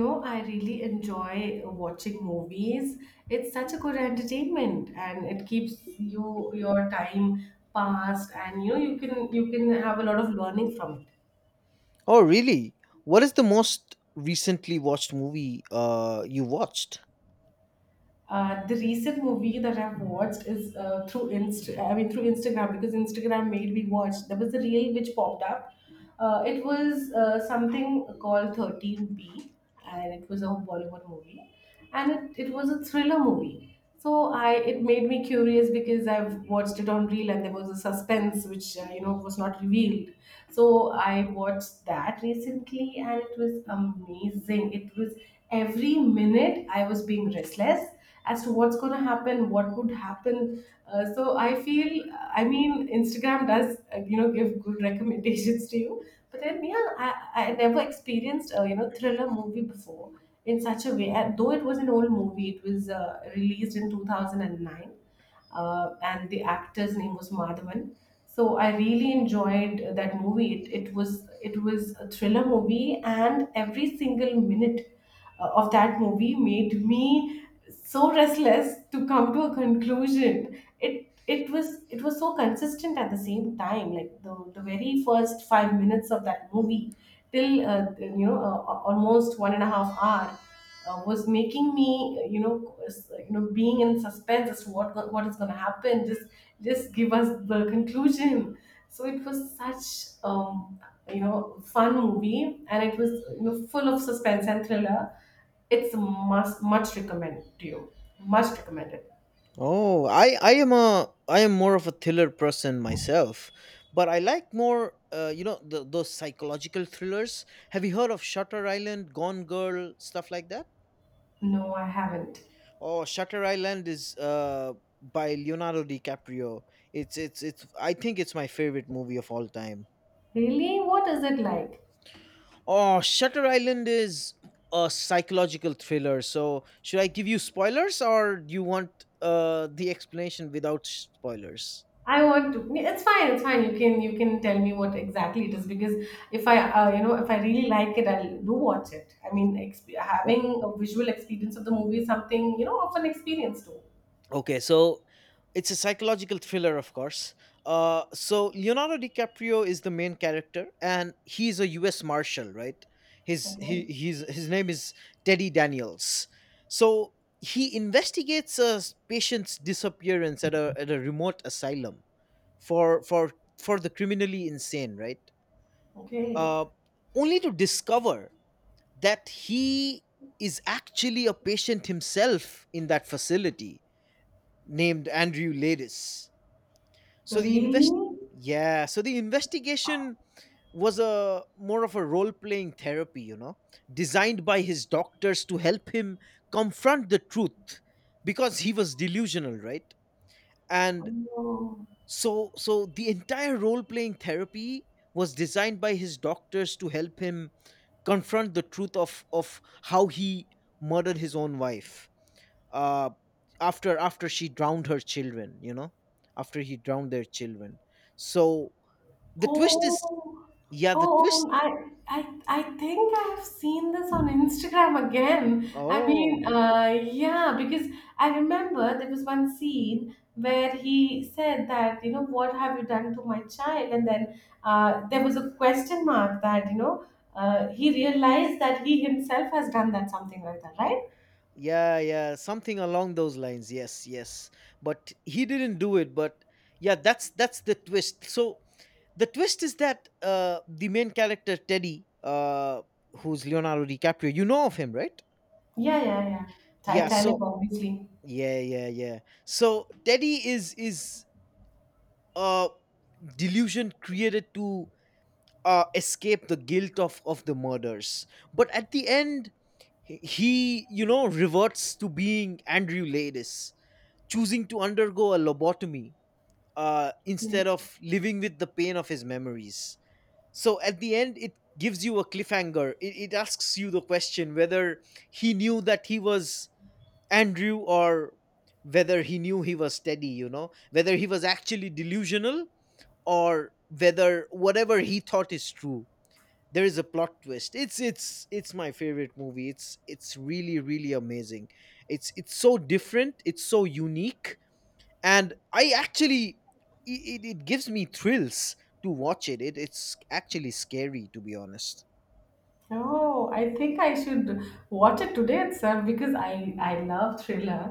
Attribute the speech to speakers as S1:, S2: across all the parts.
S1: No, I really enjoy watching movies. It's such a good entertainment and it keeps you your time passed and you know you can have a lot of learning from it.
S2: Oh, really? What is the most recently watched movie you watched?
S1: The recent movie that I've watched is through Insta I mean through Instagram because Instagram made me watch. There was a reel which popped up. It was something called 13B, and it was a Bollywood movie, and it was a thriller movie. So I it made me curious because I've watched it on reel and there was a suspense which was not revealed. So I watched that recently and it was amazing. It was every minute I was being restless as to what's going to happen, what would happen. So I feel, I mean, Instagram does give good recommendations to you, but then yeah, I never experienced a thriller movie before in such a way, and though it was an old movie, it was released in 2009, and the actor's name was Madhavan. So I really enjoyed that movie. It was it was a thriller movie, and every single minute of that movie made me so restless to come to a conclusion. It was it was so consistent at the same time, like the very first 5 minutes of that movie till almost 1.5 hours was making me uh, you know being in suspense as to what is going to happen. Just give us the conclusion. So it was such um, you know fun movie, and it was, you know, full of suspense and thriller. It's a must much recommend to you. Much recommended.
S2: Oh, I am more of a thriller person myself, but I like more those psychological thrillers. Have you heard of Shutter Island, Gone Girl, stuff like that?
S1: No, I haven't.
S2: Oh, Shutter Island is by Leonardo DiCaprio. It's I think it's my favorite movie of all time.
S1: Really? What is it like?
S2: Oh, Shutter Island is a psychological thriller. So, should I give you spoilers or do you want the explanation without spoilers?
S1: I want to. Yeah, it's fine. It's fine. You can tell me what exactly it is, because if I, if I really like it, I'll do watch it. I mean,
S2: O-
S1: having a visual experience of the movie is something, you know, of an experience too.
S2: Okay, so it's a psychological thriller, of course. Leonardo DiCaprio is the main character, and he's a U.S. Marshal, right?
S1: Okay.
S2: His name is Teddy Daniels. So he investigates a patient's disappearance at a remote asylum for for for the criminally insane, right.
S1: Okay.
S2: uh, Only to discover that he is actually a patient himself in that facility, named Andrew Ladis. So the
S1: Really?
S2: invest Yeah, so the investigation was a more of a role playing therapy, you know, designed by his doctors to help him confront the truth, because he was delusional, right? And
S1: Oh.
S2: so, so the entire role playing therapy was designed by his doctors to help him confront the truth of how he murdered his own wife, uh, after she drowned her children. After he drowned their children. So the twist is,
S1: Oh.
S2: yeah, the
S1: Oh,
S2: twist.
S1: I I think I have seen this on Instagram again. I
S2: Oh,
S1: mean, yeah, because I remember there was one scene where he said that, you know, what have you done to my child? And then there was a question mark that, you know, he realized that he himself has done that, something like that, right?
S2: yeah, yeah, something along those lines. Yes, yes. But he didn't do it. But yeah, that's the twist. So the twist is that the main character Teddy, who's Leonardo DiCaprio, you know of him, right?
S1: Yeah, yeah, yeah.
S2: Yeah.
S1: Titanic,
S2: So
S1: obviously.
S2: yeah, yeah, yeah. So Teddy is a delusion created to escape the guilt of the murders, but at the end, you know, reverts to being Andrew Ladis, choosing to undergo a lobotomy instead of living with the pain of his memories. So at the end it gives you a cliffhanger. It asks you the question whether he knew that he was Andrew, or whether he knew he was Teddy, you know, whether he was actually delusional, or whether whatever he thought is true. There is a plot twist. It's my favorite movie. It's really really amazing. It's so different, it's so unique. And i actually i- it, it gives me thrills to watch it. It's actually scary, to be honest.
S1: Oh, I think I should watch it today itself because I love thriller.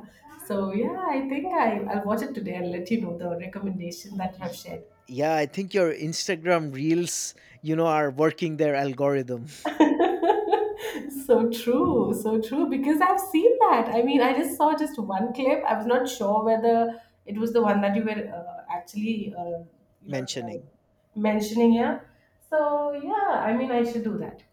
S1: So yeah, I think I'll watch it today, and let you know the recommendation that you have
S2: Y-
S1: shared.
S2: yeah, I think your Instagram reels, you know, are working their algorithm.
S1: So true, so true. Because I've seen that. I mean, I just saw just one clip. I was not sure whether it was the one that you were actually you know
S2: Mentioning.
S1: mentioning here. So yeah, I mean, I should do that.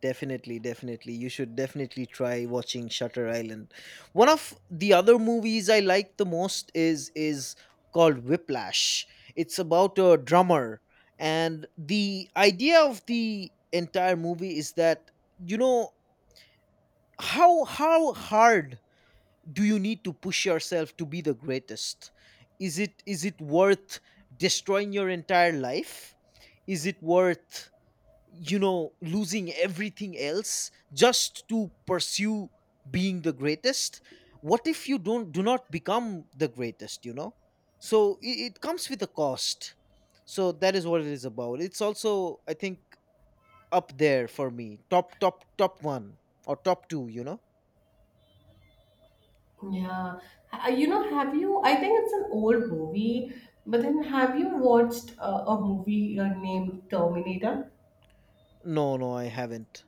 S2: Definitely, definitely. You should definitely try watching Shutter Island. One of the other movies I like the most is called Whiplash. It's about a drummer, and the idea of the entire movie is that, you know, how hard do you need to push yourself to be the greatest? Is it worth destroying your entire life? Is it worth, you know, losing everything else just to pursue being the greatest? What if you don't do not become the greatest, you know? So it comes with a cost. So that is what it is about. It's also, I think, up there for me, top one or top two, you know.
S1: Yeah. You know, have you? I think it's an old movie, but then have you watched a movie named Terminator?
S2: No, no, I haven't.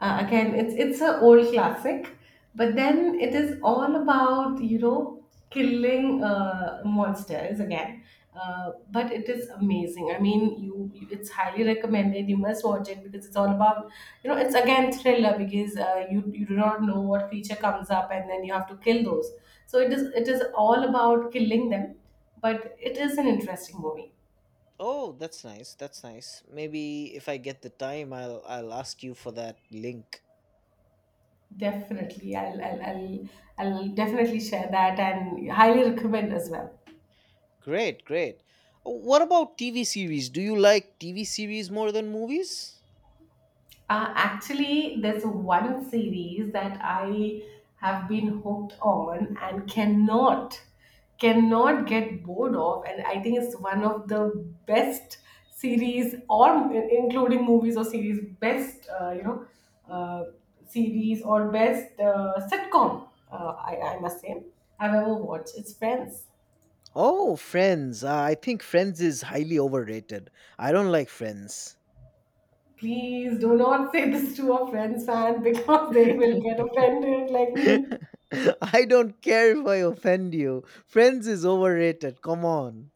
S1: Again, it's a old classic, but then it is all about, you know, killing monsters again. But it is amazing. I mean, you, it's highly recommended. You must watch it because it's all about, you know, it's again thriller because you do not know what creature comes up, and then you have to kill those. So it is all about killing them, but it is an interesting movie.
S2: Oh, that's nice, that's nice. Maybe if I get the time, I'll ask you for that link.
S1: Definitely, I'll definitely share that and highly recommend as well.
S2: Great, great. What about TV series? Do you like TV series more than movies?
S1: Actually, there's one series that I have been hooked on and cannot cannot get bored of, and I think it's one of the best series, or including movies or series, best uh, series or best sitcom. I must say I've ever watched. It's Friends.
S2: Oh, Friends. I think Friends is highly overrated. I don't like Friends.
S1: Please do not say this to a Friends fan because they will get offended like
S2: I
S1: me.
S2: don't care if I offend you. Friends is overrated. Come on.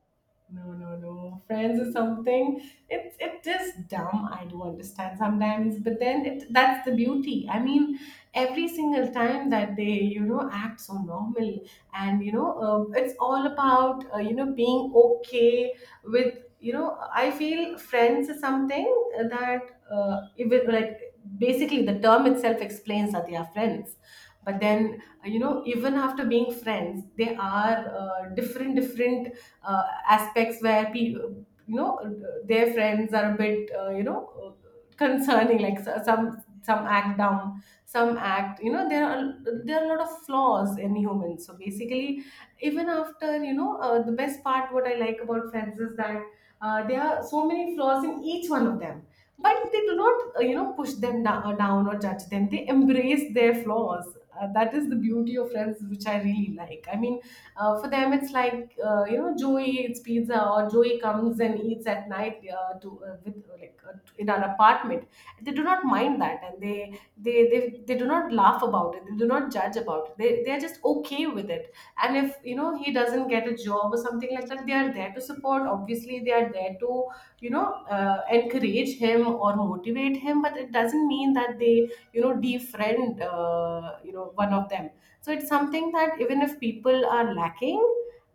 S1: No, no, no. Friends or something. It is dumb. I do understand sometimes, but then it that's the beauty. I mean, every single time that you know, act so normal, and you know, it's all about being okay with you know. I feel Friends is something that even, like, basically the term itself explains that they are friends, but then, even after being friends, there are different different aspects where people, you know, their friends are a bit concerning, like, some act dumb, some act, you know, there are a lot of flaws in humans. So basically, even after, you know, the best part what I like about Friends is that there are so many flaws in each one of them, but they do not, push them down or judge them. They embrace their flaws. That is the beauty of Friends, which I really like. I mean, for them it's like, you know, Joey eats pizza, or Joey comes and eats at night to with like in our apartment. They do not mind that, and they they, they do not laugh about it, they do not judge about it. They are just okay with it. And if, you know, he doesn't get a job or something like that, they are there to support. Obviously, they are there to, you know, encourage him or motivate him, but it doesn't mean that they, you know, defriend, one of them. So it's something that even if people are lacking,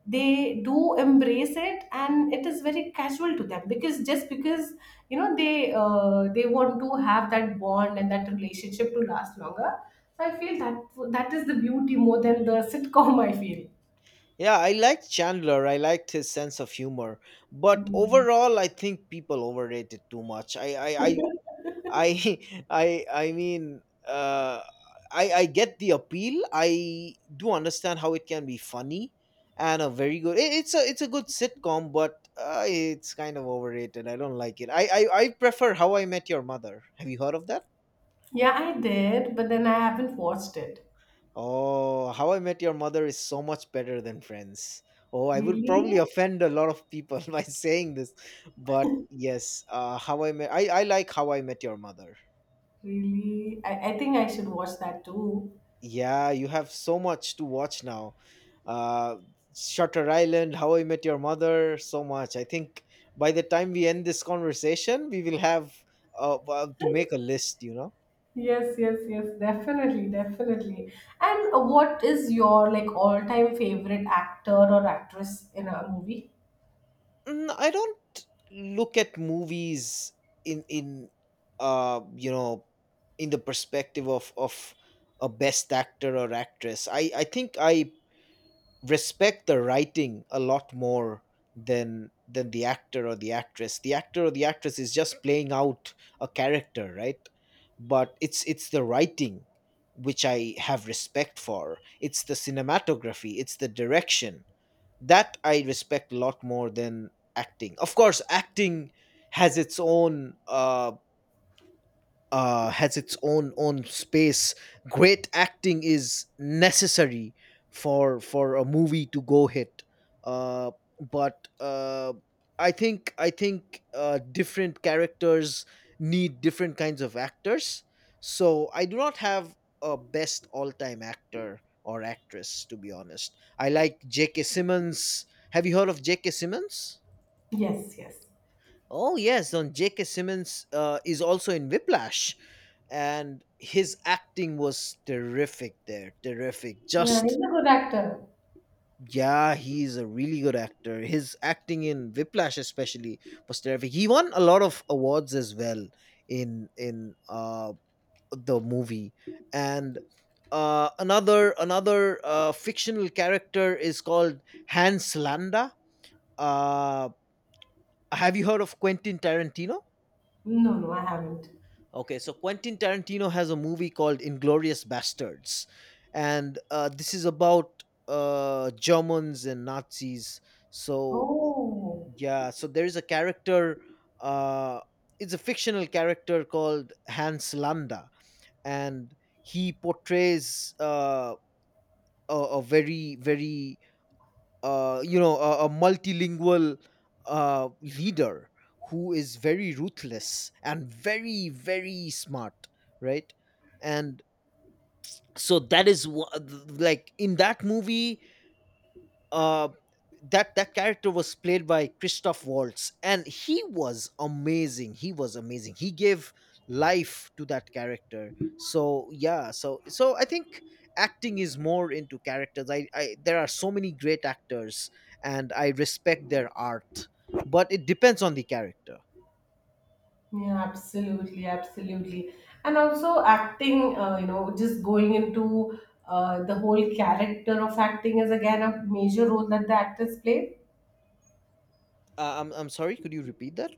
S1: they do embrace it, and it is very casual to them, because just because, you know, they want to have that bond and that relationship to last longer. So I feel that that is the beauty more than the sitcom, I feel.
S2: Yeah, I liked Chandler. I liked his sense of humor. But overall, I think people overrate it too much. I I I I I mean, uh, I get the appeal. I do understand how it can be funny and a very good. It, it's a good sitcom, but it's kind of overrated. I don't like it. I prefer How I Met Your Mother. Have you heard of that?
S1: Yeah, I did, but then I haven't watched it.
S2: Oh, How I Met Your Mother is so much better than Friends. Oh, I would probably
S1: Really?
S2: offend a lot of people by saying this, but yes, How I Met I like How I Met Your Mother.
S1: Really? I think I should watch that too.
S2: Yeah, you have so much to watch now. Uh, Shutter Island, How I Met Your Mother, so much. I think by the time we end this conversation, we will have to make a list. You know.
S1: Yes, yes, yes, definitely, definitely. And what is your, like, all-time favorite actor or actress in a movie?
S2: Mm, I don't look at movies in you know in the perspective of a best actor or actress. I think I respect the writing a lot more than the actor or the actress. The actor or the actress is just playing out a character, right? But it's the writing which I have respect for. It's the cinematography, it's the direction that I respect a lot more than acting. Of course, acting has its own has its own space. Great acting is necessary for a movie to go hit. Uh, but I think different characters need different kinds of actors. So I do not have a best all time actor or actress, to be honest. I like J.K. Simmons. Have you heard of J.K. Simmons?
S1: Yes, yes.
S2: Oh yes, on J.K. Simmons is also in Whiplash, and his acting was terrific there. Terrific.
S1: Yeah, he's
S2: Just
S1: a good actor.
S2: yeah, he's a really good actor. His acting in Whiplash especially was terrific. He won a lot of awards as well in the movie, and another fictional character is called Hans Landa. Uh, have you heard of Quentin Tarantino?
S1: No, no, I haven't.
S2: Okay, so Quentin Tarantino has a movie called Inglorious Bastards, and this is about Germans and Nazis. So
S1: Oh,
S2: yeah, so there is a character. Uh, it's a fictional character called Hans Landa, and he portrays a very very you know a multilingual leader who is very ruthless and very smart, right? And so that is like in that movie, uh, that character was played by Christoph Waltz, and he was amazing. He was amazing. He gave life to that character. So yeah, so so I think acting is more into characters. I there are so many great actors, and I respect their art, but it depends on the character.
S1: yeah, absolutely, absolutely. And also acting, you know, just going into the whole character of acting is again a major role that the actors play.
S2: I'm sorry. Could you repeat that?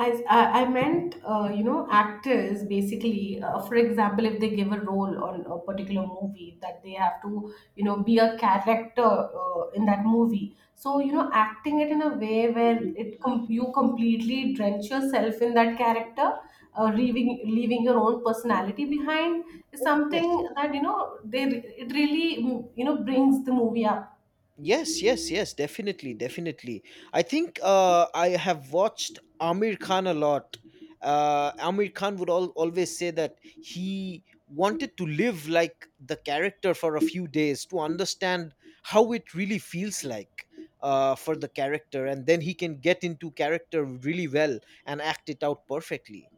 S1: I meant, you know, actors basically, for example, if they give a role on a particular movie, that they have to, you know, be a character in that movie. So, you know, acting it in a way where you completely drench yourself in that character, leaving your own personality behind is
S2: Oh yes,
S1: something that, you know, it really, you know, brings the movie up.
S2: yes, yes, yes, definitely, definitely. I think I have watched Amir Khan a lot. Amir Khan would always say that he wanted to live like the character for a few days to understand how it really feels like for the character, and then he can get into character really well and act it out perfectly.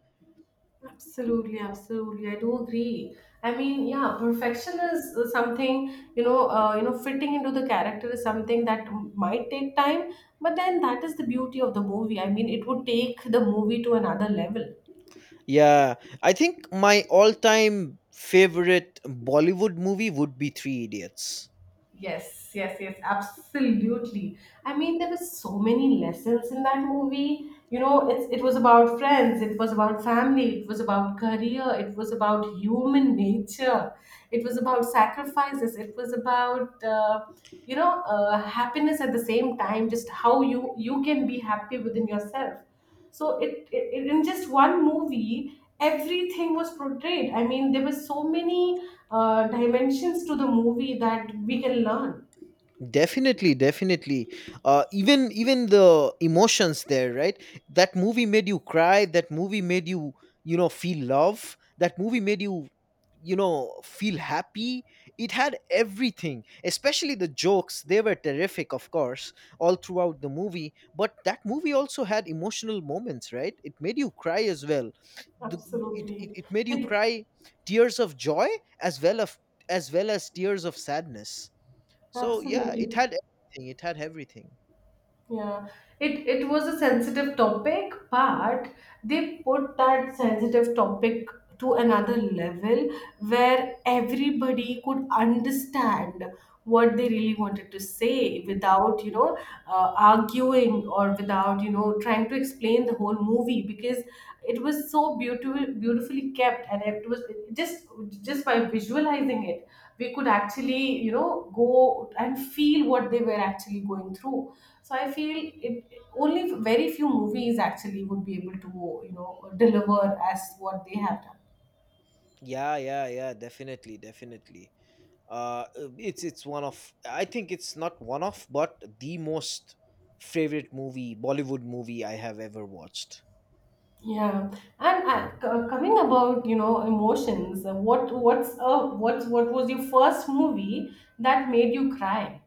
S1: Absolutely, absolutely. I do agree. I mean, yeah, perfection is something you know, fitting into the character is something that might take time, but then that is the beauty of the movie. I mean, it would take the movie to another level.
S2: Yeah, I think my all time favorite Bollywood movie would be Three Idiots.
S1: Yes, yes, yes, absolutely. I mean, there were so many lessons in that movie. You know, it was about friends, it was about family, it was about career, it was about human nature, it was about sacrifices, it was about happiness at the same time. Just how you can be happy within yourself. So in just one movie, everything was portrayed. I mean, there were so many dimensions to the movie that we can learn.
S2: Definitely, definitely. Even the emotions there, right? That movie made you cry, that movie made you, you know, feel love, that movie made you, you know, feel happy. It had everything, especially the jokes. They were terrific, of course, all throughout the movie. But that movie also had emotional moments, right? It made you cry as well. the, it, it,
S1: Absolutely.
S2: it made you
S1: It,
S2: cry tears of joy as well, as tears of sadness. So yeah, it
S1: absolutely.
S2: had everything. It had everything.
S1: Yeah, it was a sensitive topic, but they put that sensitive topic to another level where everybody could understand what they really wanted to say without, you know, arguing, or without, you know, trying to explain the whole movie, because it was so beautiful, beautifully kept, and it was just just by visualizing it, we could actually, you know, go and feel what they were actually going through. So I feel it only very few movies actually would be able to, you know, deliver as what they have done.
S2: Yeah, yeah, yeah, definitely, definitely. It's one of, I think it's not one of, but the most favorite movie, Bollywood movie I have ever watched.
S1: Yeah. And coming about, you know, emotions, what what's what was your first movie that made you cry?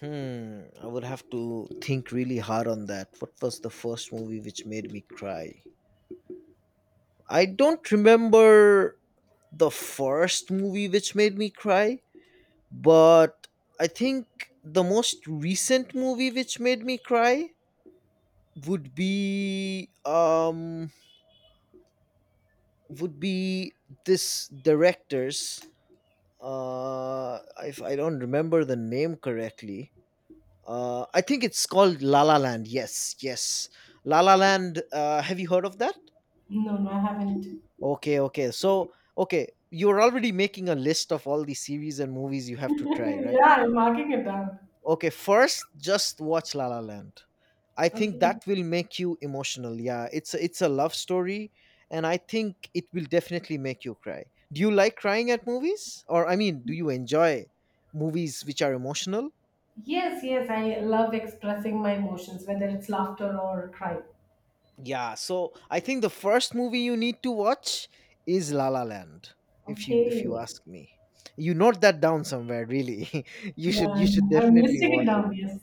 S2: Hmm, I would have to think really hard on that. What was the first movie which made me cry? I don't remember the first movie which made me cry, but I think the most recent movie which made me cry would be would be this director's, if I don't remember the name correctly. Uh, I think it's called La La Land. Yes, yes. La La Land, have you heard of that?
S1: No, no, I haven't.
S2: Okay, okay. So, okay, you're already making a list of all the series and movies you have to try, right?
S1: Yeah, I'm marking it down.
S2: Okay, first just watch La La Land. I think
S1: Okay.
S2: that will make you emotional. Yeah, it's a love story, and I think it will definitely make you cry. Do you like crying at movies, or I mean, do you enjoy movies which are emotional?
S1: Yes, yes, I love expressing my emotions, whether it's laughter or crying.
S2: Yeah, so I think the first movie you need to watch is La La Land. If you
S1: Okay.
S2: ask me, you note that down somewhere. Really,
S1: Yeah,
S2: you should
S1: I'm
S2: definitely
S1: listing it
S2: watch it.
S1: down. Yes.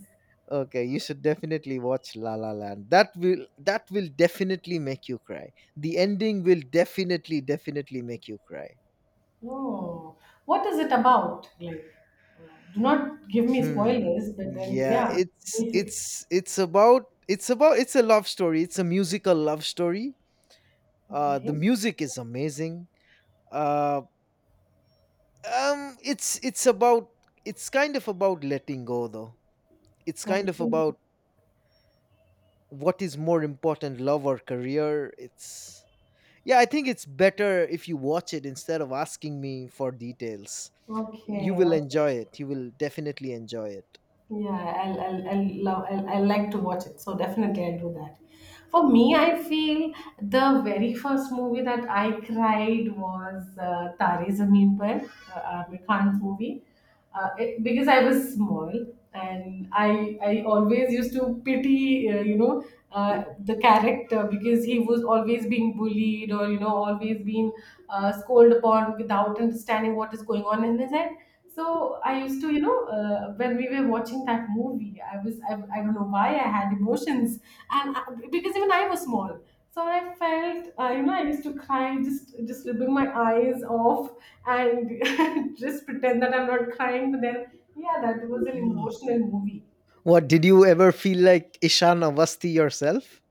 S2: Okay, you should definitely watch La La Land. That will definitely make you cry. The ending will definitely make you cry.
S1: Oh, what is it about? Like, uh, do not give me
S2: Hmm.
S1: spoilers, but then,
S2: Yeah,
S1: yeah, basic.
S2: it's a love story. It's a musical love story. Uh, the
S1: Okay.
S2: music is amazing. Uh it's about it's kind of about letting go though. It's kind of
S1: Okay.
S2: about what is more important, love or career. It's yeah, I think it's better if you watch it instead of asking me for details. You
S1: Okay.
S2: will
S1: Okay.
S2: enjoy it. You will definitely enjoy it.
S1: Yeah, I'll like to watch it. So definitely I'll do that. For me, I feel the very first movie that I cried was Tare Zameen Par, Aamir Khan's movie, because I was small, and I always used to pity, the character, because he was always being bullied or always being scolded upon without understanding what is going on in his head. So I used to, when we were watching that movie, I don't know why I had emotions, and I, because even I was small, so I felt, I used to cry, just rubbing my eyes off, and just pretend that I'm not crying. But then, yeah, that was an
S2: Yeah.
S1: emotional movie.
S2: What did you ever feel like Ishan Avasti yourself?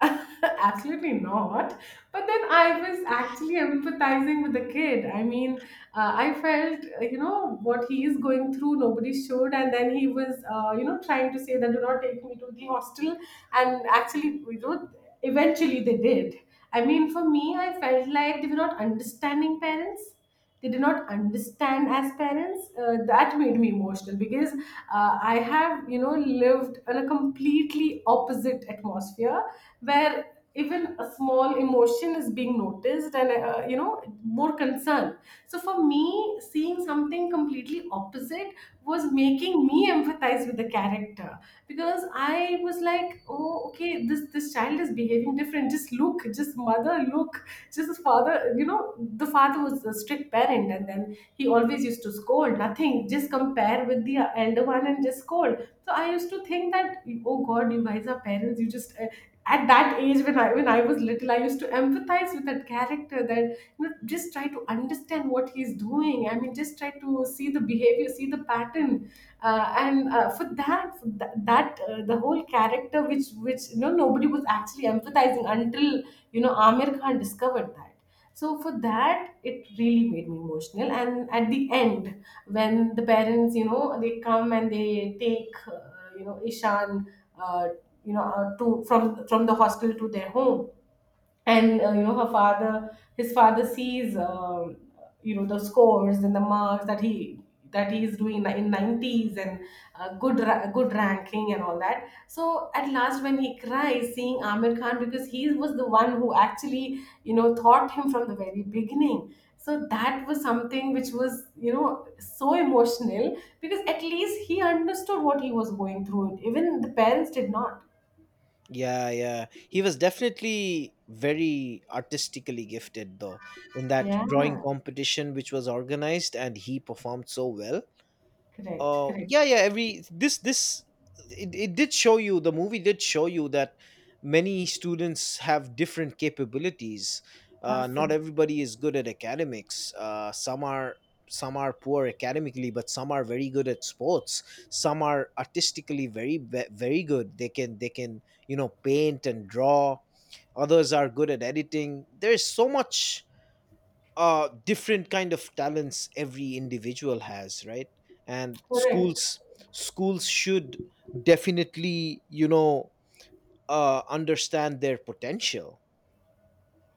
S1: Absolutely not. But then I was actually empathizing with the kid. I mean, I felt, what he is going through, nobody should. And then he was, trying to say that do not take me to the hostel. And actually, eventually they did. I mean, for me, I felt like they were not understanding parents. They did not understand as parents. That made me emotional, because I have, lived in a completely opposite atmosphere, where even a small emotion is being noticed and, more concern. So for me, seeing something completely opposite was making me empathize with the character. Yeah, because I was like, oh, okay, this child is behaving different. Just look, just mother look, just father, you know, the father was a strict parent, and then he always used to scold, nothing, just compare with the elder one and just scold. So I used to think that, oh god, you guys are parents, you just at that age, when I was little, I used to empathize with that character, that, just try to understand what he's doing. I mean, just try to see the behavior, see the pattern, and for that, the whole character, which nobody was actually empathizing, until Amir Khan discovered that. So for that, it really made me emotional. And at the end, when the parents, they come and they take, Ishan, uh, you know, to from the hospital to their home, and her father his father sees the scores and the marks that he is doing in 90s, and good ranking and all that. So at last, when he cries seeing Amir Khan, because he was the one who actually, taught him from the very beginning. So that was something which was, so emotional, because at least he understood what he was going through. Even the parents did not.
S2: Yeah, yeah. He was definitely very artistically gifted, though, in that
S1: Yeah,
S2: drawing competition which was organized, and he performed so well.
S1: correct, correct.
S2: Yeah, yeah, every this it, it did show you, the movie did show you that many students have different capabilities. Not
S1: Absolutely.
S2: everybody is good at academics. Some are, some are poor academically, but some are very good at sports. Some are artistically very good, they can, they can, you know, paint and draw. Others are good at editing. There's so much different kind of talents every individual has, right? And
S1: Correct.
S2: schools, schools should definitely, you know, understand their potential.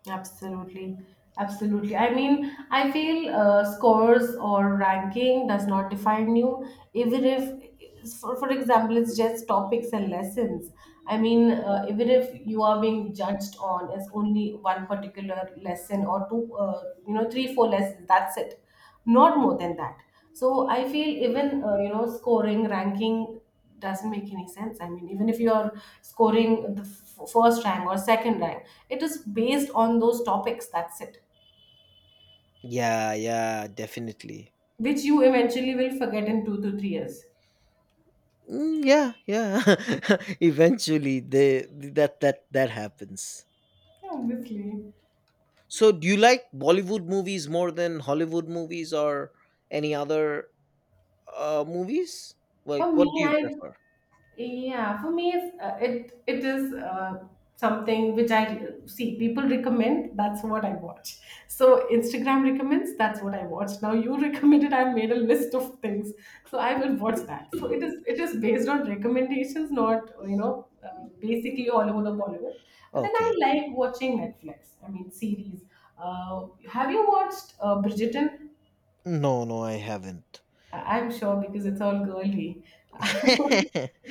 S1: Absolutely. Absolutely. I mean, I feel scores or ranking does not define you. Even if, for example, it's just topics and lessons. I mean, even if you are being judged on as only one particular lesson or two, three, four lessons, that's it. Not more than that. So I feel even, scoring, ranking doesn't make any sense. I mean, even if you're scoring the first rank or second rank, it is based on those topics. That's it,
S2: Yeah, yeah, definitely.
S1: which you eventually will forget in 2 to 3 years.
S2: Yeah, yeah, eventually they, that happens.
S1: Yeah. Obviously,
S2: So do you like Bollywood movies more than Hollywood movies, or any other movies? Like,
S1: for
S2: what
S1: me,
S2: do you
S1: I
S2: prefer?
S1: yeah, for me, it's, it it is something which I see people recommend. That's what I watch. So Instagram recommends. That's what I watch. Now you recommended. I made a list of things, so I will watch that. So it is based on recommendations, not basically all over the Bollywood. But then I
S2: Okay.
S1: like watching Netflix. I mean, series. Have you watched Bridgerton?
S2: No, no, I haven't.
S1: I- I'm sure, because it's all girly.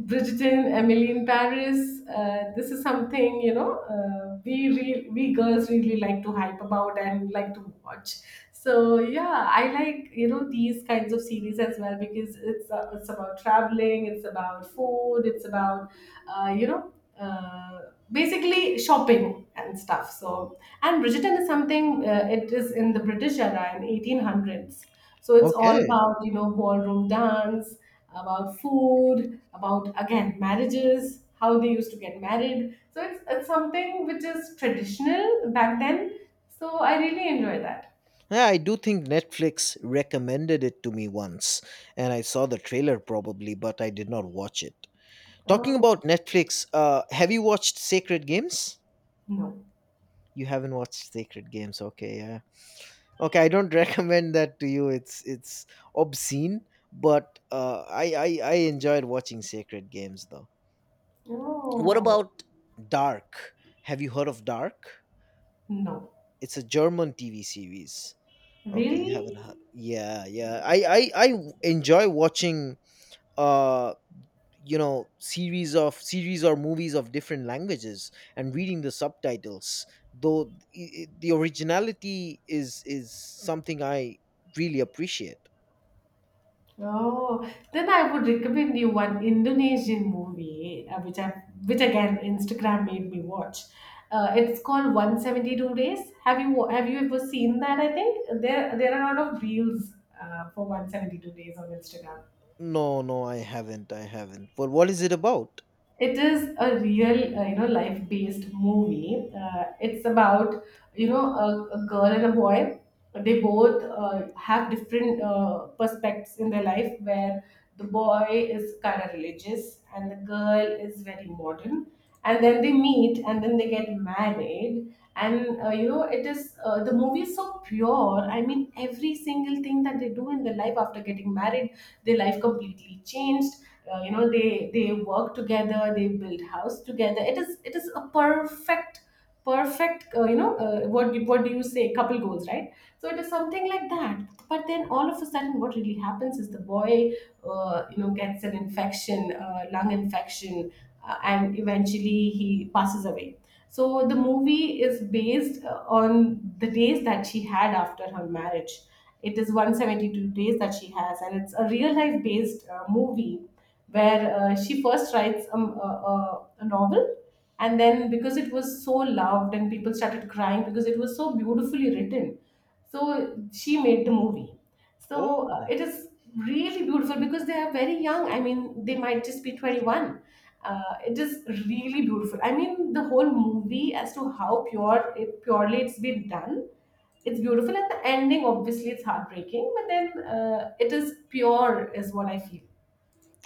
S1: Bridgerton, Emily in Paris. This is something we girls really like to hype about and like to watch. So yeah, I like these kinds of series as well, because it's about traveling, it's about food, it's about uh, you know basically shopping and stuff. So, and Bridgerton is something, it is in the British era in 1800s. So it's all
S2: Okay.
S1: about, ballroom dance, about food, about again marriages, how they used to get married. So it's something which is traditional back then. So I really enjoy that.
S2: Yeah, I do think Netflix recommended it to me once, and I saw the trailer probably, but I did not watch it. Talking
S1: Oh
S2: about Netflix, have you watched Sacred Games?
S1: no.
S2: You haven't watched Sacred Games, okay? Yeah. Okay, I don't recommend that to you. It's obscene, but I enjoyed watching Sacred Games though. What
S1: Oh
S2: about Dark? Have you heard of Dark?
S1: no.
S2: It's a German TV series. Okay, you
S1: Really?
S2: haven't had. Yeah, yeah. Enjoy watching uh you know, series of series or movies of different languages and reading the subtitles. Though the originality is something I really appreciate.
S1: Oh, then I would recommend you one Indonesian movie, which I which again Instagram made me watch. It's called 172 Days. Have you have you ever seen that? I think there are a lot of reels for 172 Days on Instagram.
S2: No, no, I haven't. I haven't. But what is it about?
S1: It is a real, life based movie. It's about, a girl and a boy. They both, have different perspectives in their life, where the boy is kind of religious and the girl is very modern. And then they meet, and then they get married. And it is, the movie is so pure. I mean, every single thing that they do in their life after getting married, their life completely changed. They work together, they build house together. It is a perfect, perfect, what do you say, couple goals, right? So it is something like that. But then all of a sudden, what really happens is the boy, gets an infection, lung infection, and eventually he passes away. So the movie is based, on the days that she had after her marriage. It is 172 days that she has, and it's a real life based movie, where she first writes a novel, and then, because it was so loved, and people started crying because it was so beautifully written, so she made the movie.
S2: Oh,
S1: So, it is really beautiful, because they are very young. I mean, they might just be 21. It is really beautiful. I mean, the whole movie, as to how pure it, purely it's been done. It's beautiful, and the ending, obviously it's heartbreaking, but then, it is pure, is what I feel.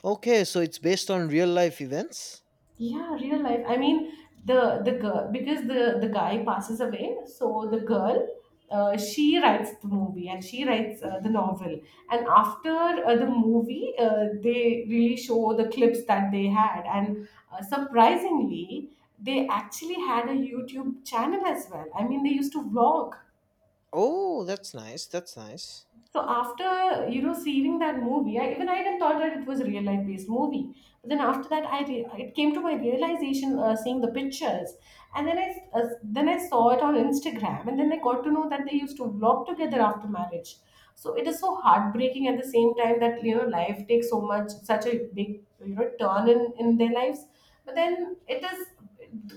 S2: okay. So it's based on real life events.
S1: Yeah, real life. I mean, the girl, because the guy passes away, so the girl, she writes the movie and she writes the novel. And after the movie, they really show the clips that they had, and surprisingly, they actually had a YouTube channel as well. I mean, they used to vlog.
S2: Oh, that's nice. That's nice.
S1: So after seeing that movie, I even thought that it was a real life based movie. But then after that, it came to my realization, seeing the pictures, and then then I saw it on Instagram, and then I got to know that they used to vlog together after marriage. So it is so heartbreaking, at the same time, that life takes so much, such a big, turn in their lives. But then it is,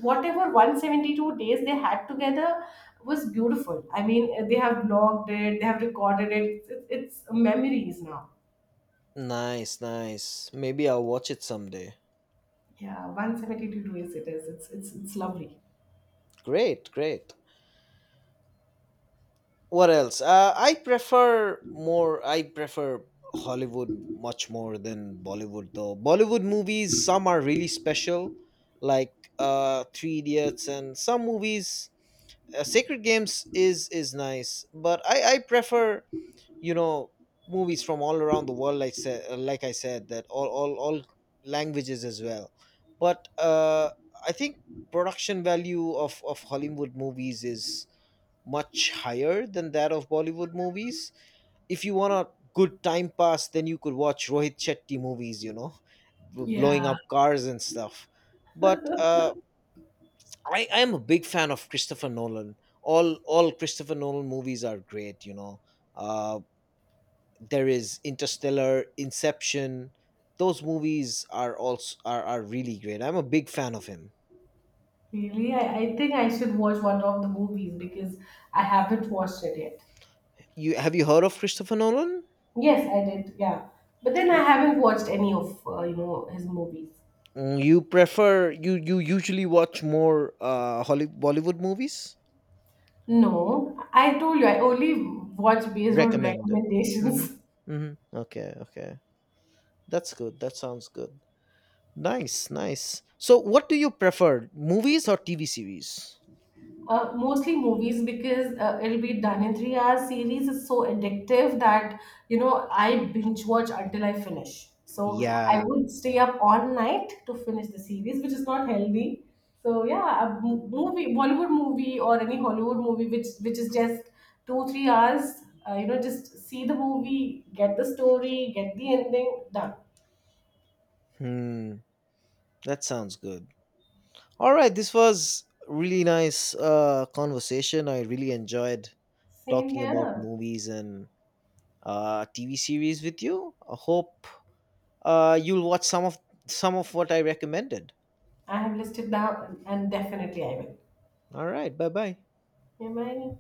S1: whatever 172 days they had together, was beautiful. I mean, they have logged it, they have recorded it. It's memories now.
S2: Nice, nice. Maybe I'll watch it someday.
S1: Yeah, 172 days it is. It's lovely.
S2: Great, great. What else? I prefer more, I prefer Hollywood much more than Bollywood, though Bollywood movies, some are really special, like Three Idiots and some movies. Sacred Games is nice, but I prefer, you know, movies from all around the world, like said like I said, that all languages as well. But I think production value of Hollywood movies is much higher than that of Bollywood movies. If you want a good time pass, then you could watch Rohit Chetty movies, you know, blowing
S1: Yeah.
S2: up cars and stuff. But I am a big fan of Christopher Nolan. All Christopher Nolan movies are great, you know. Uh, there is Interstellar, Inception. Those movies are are really great. I'm a big fan of him.
S1: Really, I think I should watch one of the movies, because I haven't watched it yet.
S2: You, have you heard of Christopher Nolan?
S1: Yes, I did. Yeah, but then I haven't watched any of his movies.
S2: Mm, you prefer, you usually watch more Bollywood movies?
S1: No, I told you, I only watch based on
S2: Recommended. Mm-hmm.
S1: recommendations.
S2: Mm-hmm. Okay, okay. That's good. That sounds good. Nice, nice. So what do you prefer? Movies or TV series?
S1: Mostly movies, because it'll be done in 3 hours. Series is so addictive, that I binge watch until I finish. So I
S2: Yeah.
S1: would stay up all night to finish the series, which is not healthy. So yeah, a movie, Bollywood movie or any Hollywood movie, which is just 2 to 3 hours. Just see the movie, get the story, get the ending, done.
S2: Hmm. That sounds good. All right, this was really nice conversation. I really enjoyed
S1: Same
S2: talking about
S1: here.
S2: movies and TV series with you. I hope you'll watch some of what I recommended.
S1: I have listed down, and definitely I will.
S2: All right. Bye bye.
S1: Am I?